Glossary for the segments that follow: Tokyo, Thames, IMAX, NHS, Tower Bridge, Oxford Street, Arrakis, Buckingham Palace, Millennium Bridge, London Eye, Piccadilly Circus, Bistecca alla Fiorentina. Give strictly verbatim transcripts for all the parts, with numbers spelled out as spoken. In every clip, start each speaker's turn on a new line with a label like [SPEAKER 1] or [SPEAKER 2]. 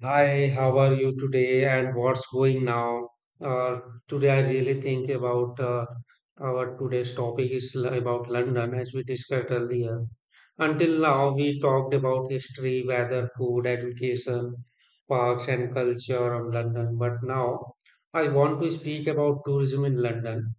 [SPEAKER 1] Hi, how are you today and what's going now? Uh, Today, I really think about uh, our today's topic is l- about London as we discussed earlier. Until now, we talked about history, weather, food, education, parks, and culture of London. But now, I want to speak about tourism in London.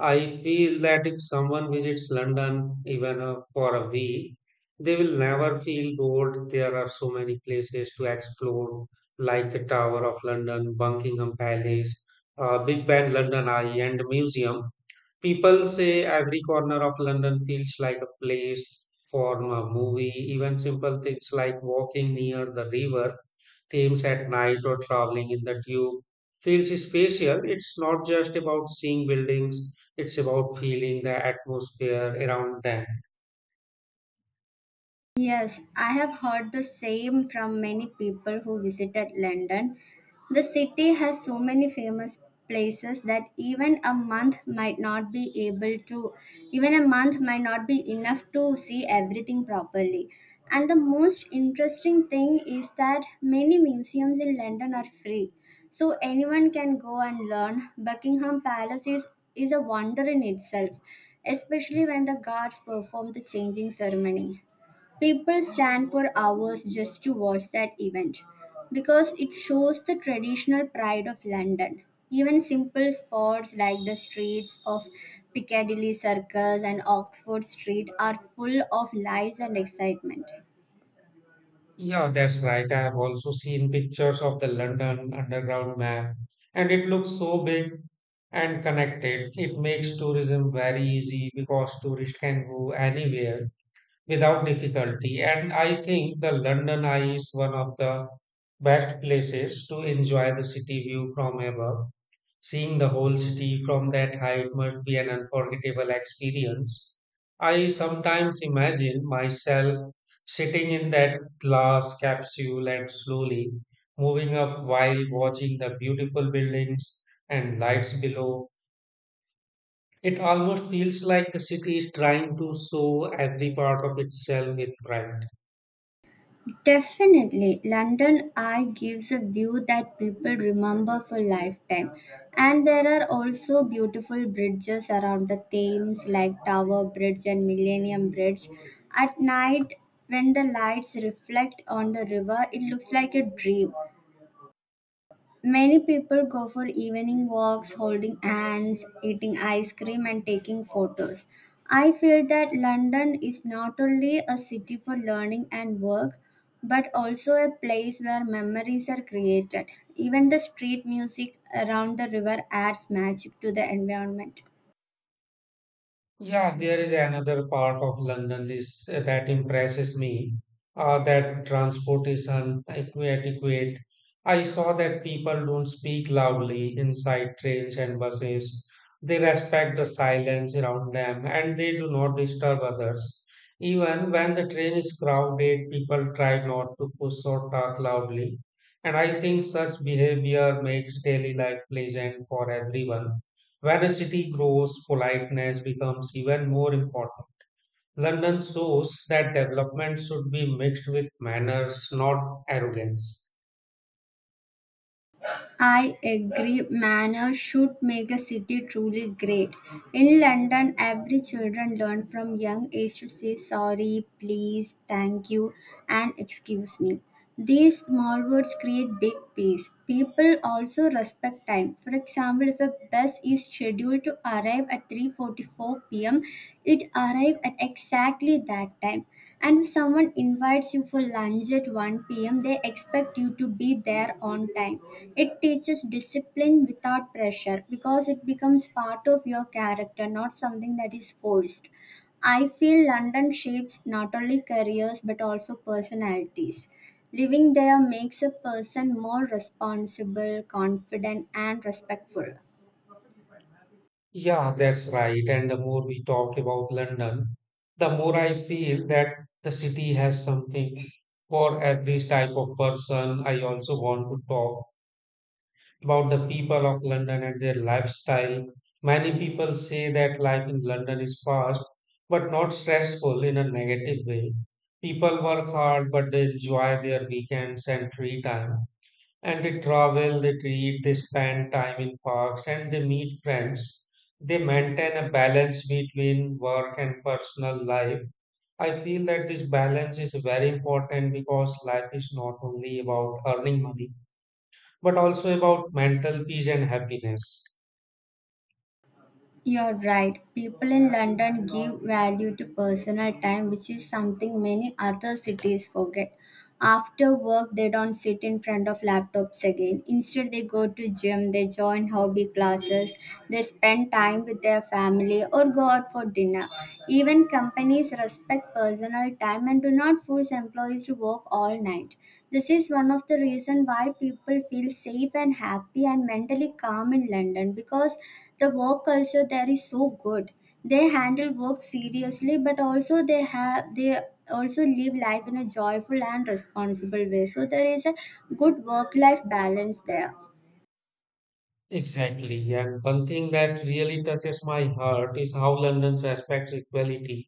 [SPEAKER 1] I feel that if someone visits London even uh, for a week, they will never feel bored. There are so many places to explore, like the Tower of London, Buckingham Palace, uh, Big Ben, London Eye, and Museum. People say every corner of London feels like a place for a movie. Even simple things like walking near the river themes at night or traveling in the tube feels spatial. It's not just about seeing buildings, it's about feeling the atmosphere around them.
[SPEAKER 2] Yes, I have heard the same from many people who visited London. The city has so many famous places that even a month might not be able to, even a month might not be enough to see everything properly. And the most interesting thing is that many museums in London are free. So anyone can go and learn. Buckingham Palace is, is a wonder in itself, especially when the guards perform the changing ceremony. People stand for hours just to watch that event because it shows the traditional pride of London. Even simple spots like the streets of Piccadilly Circus and Oxford Street are full of lights and excitement.
[SPEAKER 1] Yeah, that's right. I have also seen pictures of the London Underground map, and it looks so big and connected. It makes tourism very easy because tourists can go anywhere without difficulty. And I think the London Eye is one of the best places to enjoy the city view from above. Seeing the whole city from that height must be an unforgettable experience. I sometimes imagine myself sitting in that glass capsule and slowly moving up while watching the beautiful buildings and lights below. It almost feels like the city is trying to show every part of itself with pride.
[SPEAKER 2] Definitely, London Eye gives a view that people remember for lifetime. And there are also beautiful bridges around the Thames, like Tower Bridge and Millennium Bridge. At night, when the lights reflect on the river, it looks like a dream. Many people go for evening walks, holding hands, eating ice cream, and taking photos. I feel that London is not only a city for learning and work, but also a place where memories are created. Even the street music around the river adds magic to the environment.
[SPEAKER 1] Yeah, there is another part of London is that impresses me. Uh, that transport is inadequate. I saw that people don't speak loudly inside trains and buses. They respect the silence around them and they do not disturb others. Even when the train is crowded, people try not to push or talk loudly. And I think such behavior makes daily life pleasant for everyone. When a city grows, politeness becomes even more important. London shows that development should be mixed with manners, not arrogance.
[SPEAKER 2] I agree, manners should make a city truly great. In London, every children learn from young age to say sorry, please, thank you, and excuse me. These small words create big peace. People also respect time. For example, if a bus is scheduled scheduled to arrive at three forty-four p m, it arrived at exactly that time. And if someone invites you for lunch at one p m, they expect you to be there on time. It teaches discipline without pressure because it becomes part of your character, not something that is forced. I feel London shapes not only careers but also personalities. Living there makes a person more responsible, confident, and respectful.
[SPEAKER 1] Yeah, that's right. And the more we talk about London, the more I feel that the city has something for every type of person. I also want to talk about the people of London and their lifestyle. Many people say that life in London is fast but not stressful in a negative way. People work hard but they enjoy their weekends and free time. And they travel, they read, they spend time in parks and they meet friends. They maintain a balance between work and personal life. I feel that this balance is very important because life is not only about earning money but also about mental peace and happiness.
[SPEAKER 2] You're right. People in London give value to personal time, which is something many other cities forget. After work, they don't sit in front of laptops again. Instead, they go to gym, they join hobby classes, they spend time with their family or go out for dinner. Even companies respect personal time and do not force employees to work all night. This is one of the reasons why people feel safe and happy and mentally calm in London, because the work culture there is so good. They handle work seriously, but also they have they also live life in a joyful and responsible way. So there is a good work life balance there.
[SPEAKER 1] Exactly, and one thing that really touches my heart is how London respects equality.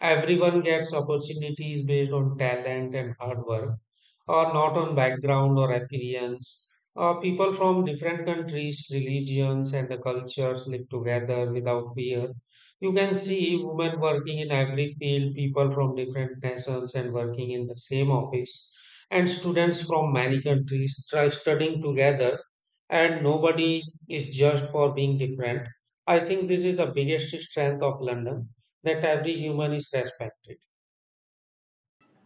[SPEAKER 1] Everyone gets opportunities based on talent and hard work, or not on background or appearance. Uh, people from different countries, religions, and the cultures live together without fear. You can see women working in every field, people from different nations and working in the same office, and students from many countries try studying together and nobody is judged for being different. I think this is the biggest strength of London that every human is respected.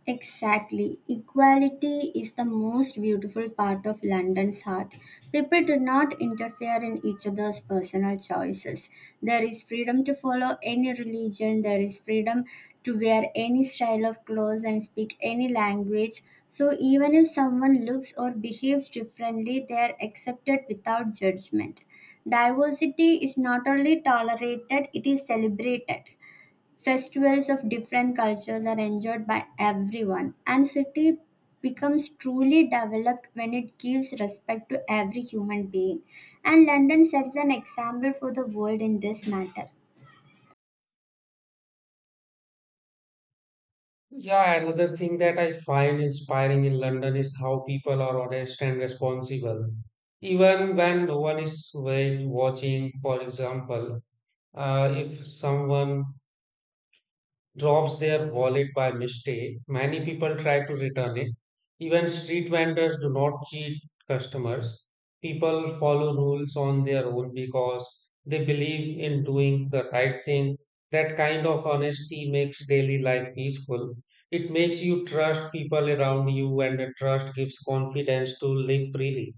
[SPEAKER 2] Exactly. Equality is the most beautiful part of London's heart. People do not interfere in each other's personal choices. There is freedom to follow any religion, there is freedom to wear any style of clothes and speak any language. So, even if someone looks or behaves differently, they are accepted without judgment. Diversity is not only tolerated, it is celebrated. Festivals of different cultures are enjoyed by everyone, and city becomes truly developed when it gives respect to every human being. And London sets an example for the world in this matter.
[SPEAKER 1] Yeah, another thing that I find inspiring in London is how people are honest and responsible, even when no one is wa- watching. For example, uh, if someone drops their wallet by mistake. Many people try to return it. Even street vendors do not cheat customers. People follow rules on their own because they believe in doing the right thing. That kind of honesty makes daily life peaceful. It makes you trust people around you, and the trust gives confidence to live freely.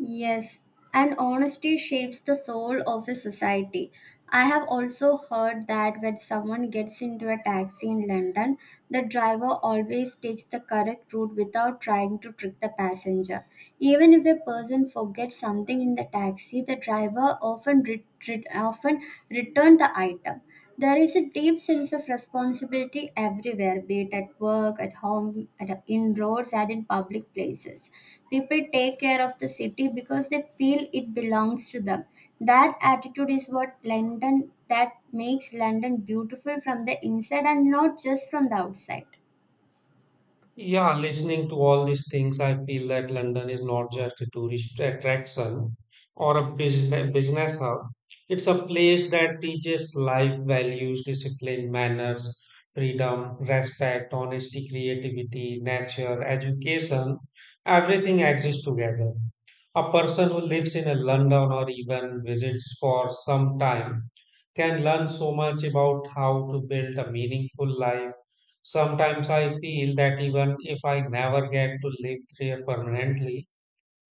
[SPEAKER 2] Yes, and honesty shapes the soul of a society. I have also heard that when someone gets into a taxi in London, the driver always takes the correct route without trying to trick the passenger. Even if a person forgets something in the taxi, the driver often, re- re- often returns the item. There is a deep sense of responsibility everywhere, be it at work, at home, at in roads, and in public places. People take care of the city because they feel it belongs to them. That attitude is what London that makes London beautiful from the inside and not just from the outside.
[SPEAKER 1] Yeah, listening to all these things, I feel that London is not just a tourist attraction or a business business hub. It's a place that teaches life values, discipline, manners, freedom, respect, honesty, creativity, nature, education. Everything exists together. A person who lives in a London or even visits for some time can learn so much about how to build a meaningful life. Sometimes I feel that even if I never get to live there permanently,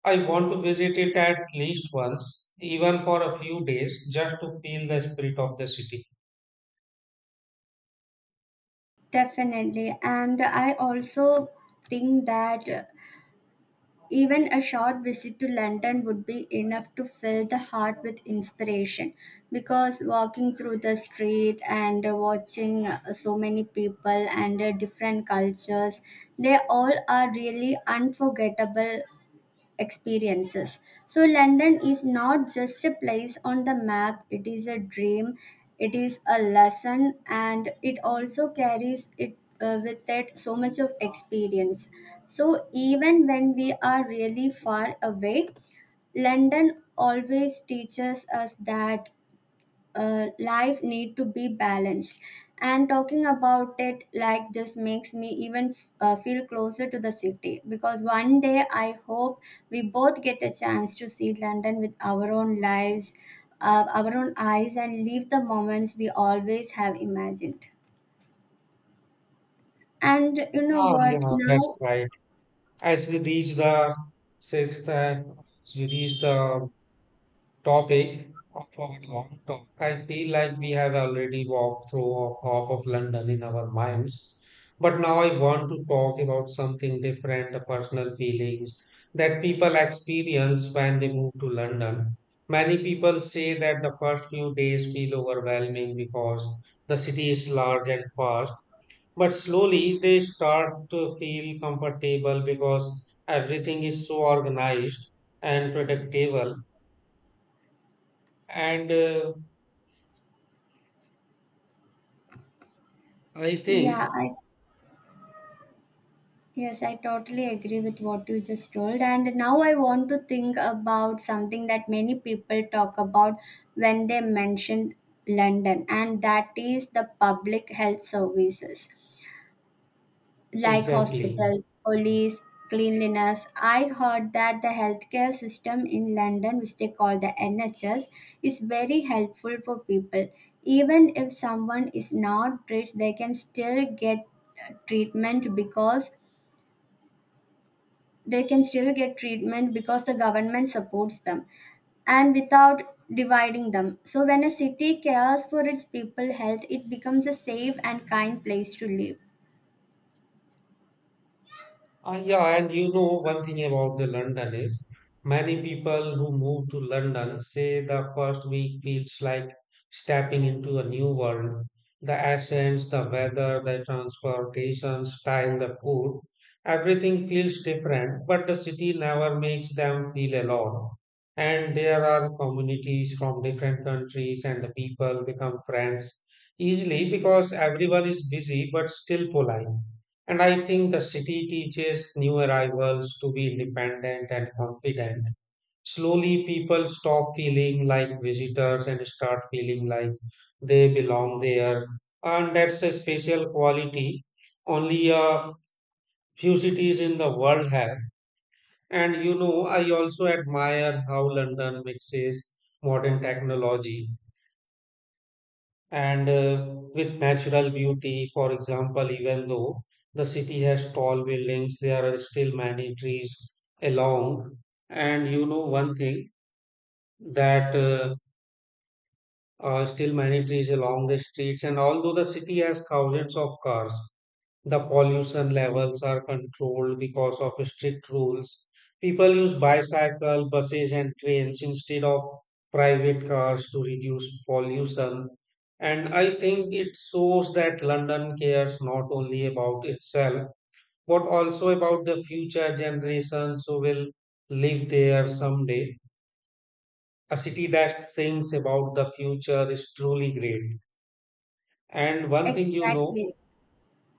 [SPEAKER 1] I want to visit it at least once, even for a few days, just to feel the spirit of the city.
[SPEAKER 2] Definitely, and I also think that. Even a short visit to London would be enough to fill the heart with inspiration because walking through the street and uh, watching uh, so many people and uh, different cultures, they all are really unforgettable experiences. So, London is not just a place on the map, it is a dream, it is a lesson, and it also carries it uh, with it so much of experience. So even when we are really far away, London always teaches us that uh, life need to be balanced. And talking about it like this makes me even uh, feel closer to the city, because one day I hope we both get a chance to see London with our own lives, uh, our own eyes, and leave the moments we always have imagined. And you know
[SPEAKER 1] Ah,
[SPEAKER 2] what
[SPEAKER 1] yeah, that's
[SPEAKER 2] now?
[SPEAKER 1] right. As we reach the sixth, uh, as we reach the topic of our long talk. I feel like we have already walked through of- half of London in our minds. But now I want to talk about something different, the personal feelings that people experience when they move to London. Many people say that the first few days feel overwhelming because the city is large and fast. But slowly they start to feel comfortable because everything is so organized and predictable and uh, I
[SPEAKER 2] yeah
[SPEAKER 1] think.
[SPEAKER 2] i Yes, I totally agree with what you just told. And now I want to think about something that many people talk about when they mention London, and that is the public health services like
[SPEAKER 1] Exactly.
[SPEAKER 2] hospitals, police, cleanliness. I heard that the healthcare system in London, which they call the N H S, is very helpful for people. Even if someone is not rich, they can still get uh, treatment because they can still get treatment because the government supports them and without dividing them. So, when a city cares for its people health, it becomes a safe and kind place to live.
[SPEAKER 1] Uh, yeah, and you know one thing about the London is many people who move to London say the first week feels like stepping into a new world. The accents, the weather, the transportation style, the food, everything feels different, but the city never makes them feel alone. And there are communities from different countries, and the people become friends easily because everyone is busy but still polite. And I think the city teaches new arrivals to be independent and confident. Slowly, people stop feeling like visitors and start feeling like they belong there. And that's a special quality only a few cities in the world have. And you know, I also admire how London mixes modern technology and uh, with natural beauty. For example, even though the city has tall buildings, there are still many trees along. And you know one thing that uh, uh, Still many trees along the streets. And although the city has thousands of cars, the pollution levels are controlled because of strict rules. People use bicycle, buses, and trains instead of private cars to reduce pollution. And I think it shows that London cares not only about itself, but also about the future generations who will live there someday. A city that thinks about the future is truly great. And one thing you know,
[SPEAKER 2] Exactly.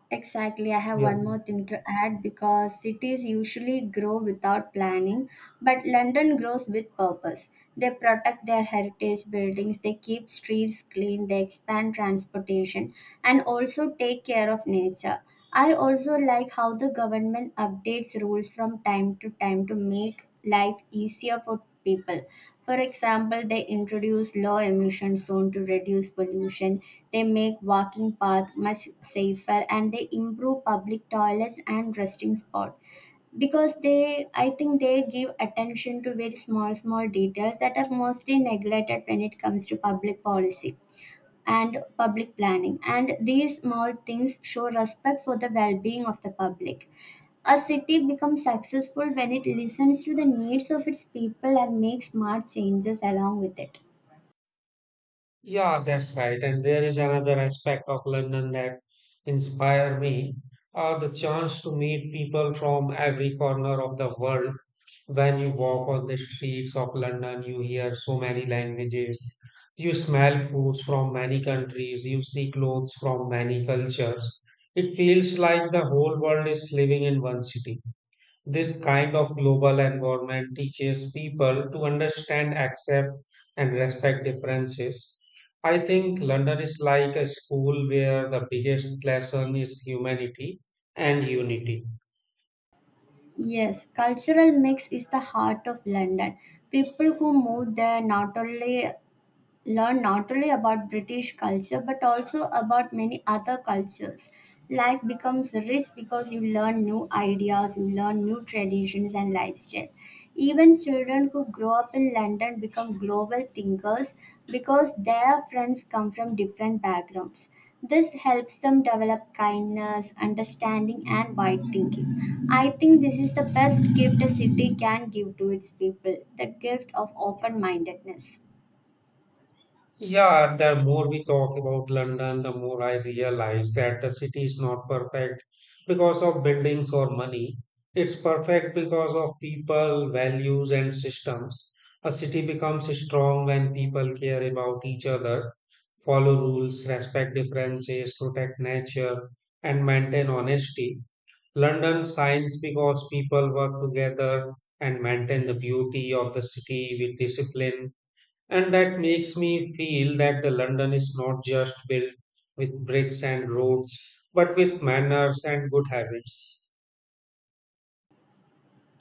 [SPEAKER 2] Exactly. I have
[SPEAKER 1] yeah.
[SPEAKER 2] one more thing to add because cities usually grow without planning, but London grows with purpose. They protect their heritage buildings, they keep streets clean, they expand transportation, and also take care of nature. I also like how the government updates rules from time to time to make life easier for people. For example, they introduce low emission zone to reduce pollution. They make walking path much safer and they improve public toilets and resting spot because they, I think, they give attention to very small small details that are mostly neglected when it comes to public policy and public planning. And these small things show respect for the well being of the public. A city becomes successful when it listens to the needs of its people and makes smart changes along with it.
[SPEAKER 1] Yeah, that's right. And there is another aspect of London that inspire me, uh, the chance to meet people from every corner of the world. When you walk on the streets of London, you hear so many languages. You smell foods from many countries. You see clothes from many cultures. It feels like the whole world is living in one city. This kind of global environment teaches people to understand, accept, and respect differences. I think London is like a school where the biggest lesson is humanity and unity.
[SPEAKER 2] Yes, cultural mix is the heart of London. People who move there not only learn not only about British culture but also about many other cultures. Life becomes rich because you learn new ideas, you learn new traditions and lifestyle. Even children who grow up in London become global thinkers because their friends come from different backgrounds. This helps them develop kindness, understanding, and wide thinking. I think this is the best gift a city can give to its people, the gift of open mindedness.
[SPEAKER 1] Yeah, the more we talk about London, the more I realize that the city is not perfect because of buildings or money. It's perfect because of people, values, and systems. A city becomes strong when people care about each other, follow rules, respect differences, protect nature, and maintain honesty. London shines because people work together and maintain the beauty of the city with discipline, and that makes me feel that the London is not just built with bricks and roads, but with manners and good habits.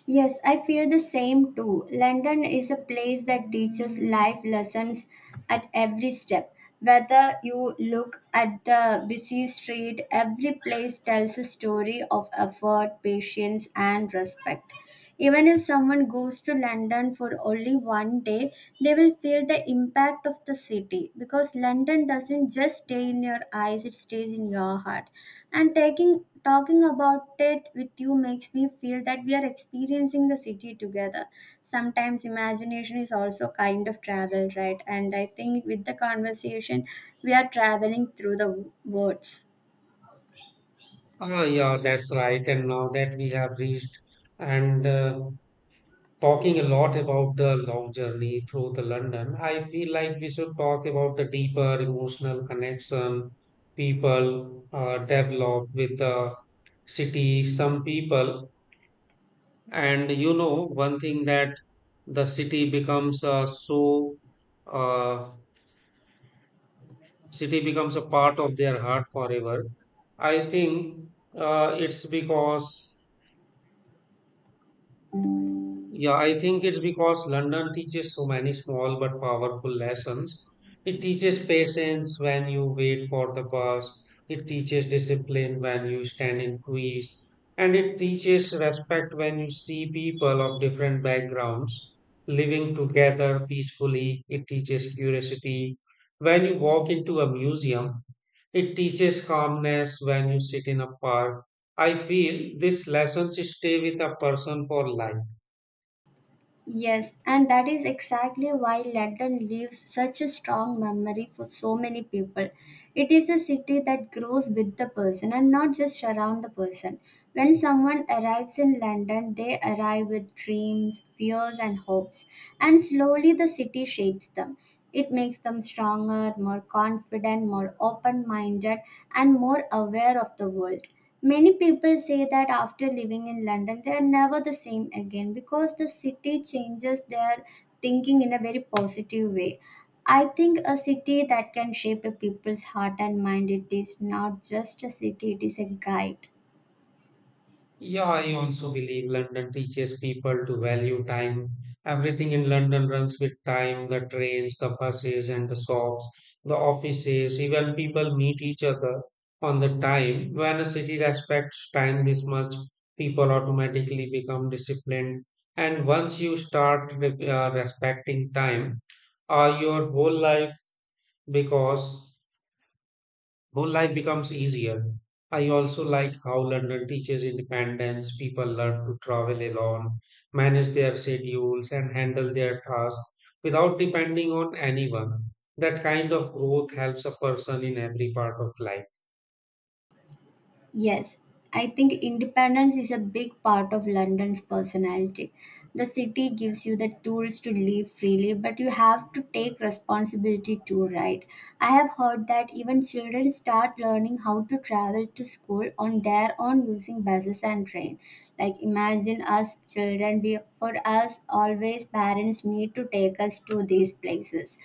[SPEAKER 2] Yes, I feel the same too. London is a place that teaches life lessons at every step. Whether you look at the busy street, every place tells a story of effort, patience, and respect. Even if someone goes to London for only one day, they will feel the impact of the city because London doesn't just stay in your eyes, it stays in your heart. And taking talking about it with you makes me feel that we are experiencing the city together. Sometimes imagination is also kind of travel, right? And I think with the conversation, we are traveling through the words.
[SPEAKER 1] Ah, yeah, that's right. And now that we have reached and uh, talking a lot about the long journey through the London, I feel like we should talk about the deeper emotional connection people uh, develop with the city. Some people. And you know, one thing that the city becomes uh, so uh, city becomes a part of their heart forever. I think uh, it's because. Yeah, I think it's because London teaches so many small but powerful lessons. It teaches patience when you wait for the bus, it teaches discipline when you stand in queues, and it teaches respect when you see people of different backgrounds living together peacefully. It teaches curiosity when you walk into a museum, it teaches calmness when you sit in a park. I feel these lessons stay with a person for life.
[SPEAKER 2] Yes, and that is exactly why London leaves such a strong memory for so many people. It is a city that grows with the person and not just around the person. When someone arrives in London, they arrive with dreams, fears, and hopes, and slowly the city shapes them. It makes them stronger, more confident, more open minded, and more aware of the world. Many people say that after living in London, they are never the same again because the city changes their thinking in a very positive way. I think a city that can shape a people's heart and mind, it is not just a city, it is a guide.
[SPEAKER 1] Yeah, I also believe London teaches people to value time. Everything in London runs with time, the trains, the buses, and the shops, the offices, even people meet each other on the time. When a city respects time this much, people automatically become disciplined. And once you start re- uh, respecting time, uh, your whole life because whole life becomes easier. I also like how London teaches independence. People learn to travel alone, manage their schedules, and handle their tasks without depending on anyone. That kind of growth helps a person in every part of life.
[SPEAKER 2] Yes, I think independence is a big part of London's personality. The city gives you the tools to live freely, but you have to take responsibility too, right? I have heard that even children start learning how to travel to school on their own using buses and train. Like imagine us children, we for us always parents need to take us to these places,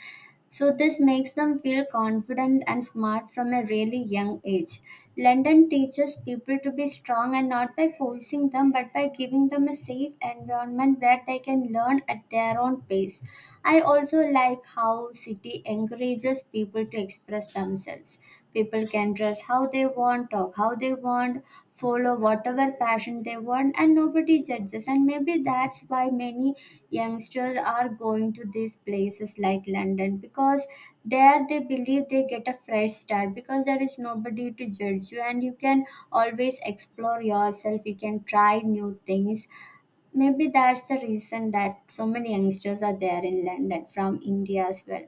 [SPEAKER 2] so this makes them feel confident and smart from a really young age. London teaches people to be strong, and not by forcing them but by giving them a safe environment where they can learn at their own pace. I also like how city encourages people to express themselves. People can dress how they want, talk how they want, follow whatever passion they want, and nobody judges. And maybe that's why many youngsters are going to these places like London, because there they believe they get a fresh start because there is nobody to judge you and you can always explore yourself, you can try new things. Maybe that's the reason that so many youngsters are there in London from India as well.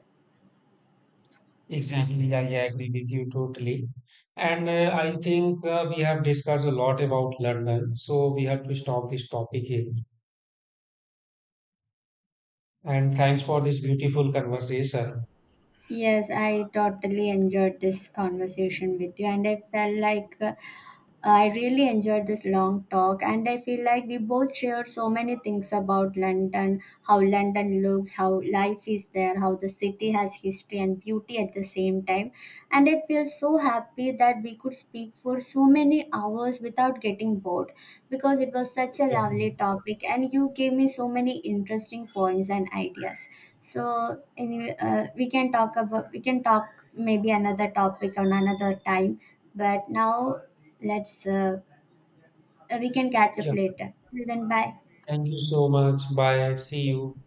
[SPEAKER 1] Exactly, I agree with you totally. And uh, I think uh, we have discussed a lot about London, so we have to stop this topic here. And thanks for this beautiful conversation.
[SPEAKER 2] Yes, I totally enjoyed this conversation with you, and I felt like uh, I really enjoyed this long talk, and I feel like we both shared so many things about London, how London looks, how life is there, how the city has history and beauty at the same time. And I feel so happy that we could speak for so many hours without getting bored because it was such a
[SPEAKER 1] Yeah,
[SPEAKER 2] lovely topic, and you gave me so many interesting points and ideas. So, anyway, uh, we can talk about we can talk maybe another topic on another time. But now, Let's uh, we can catch up
[SPEAKER 1] yeah.
[SPEAKER 2] later. Till then, bye.
[SPEAKER 1] Thank you so much. Bye. See you.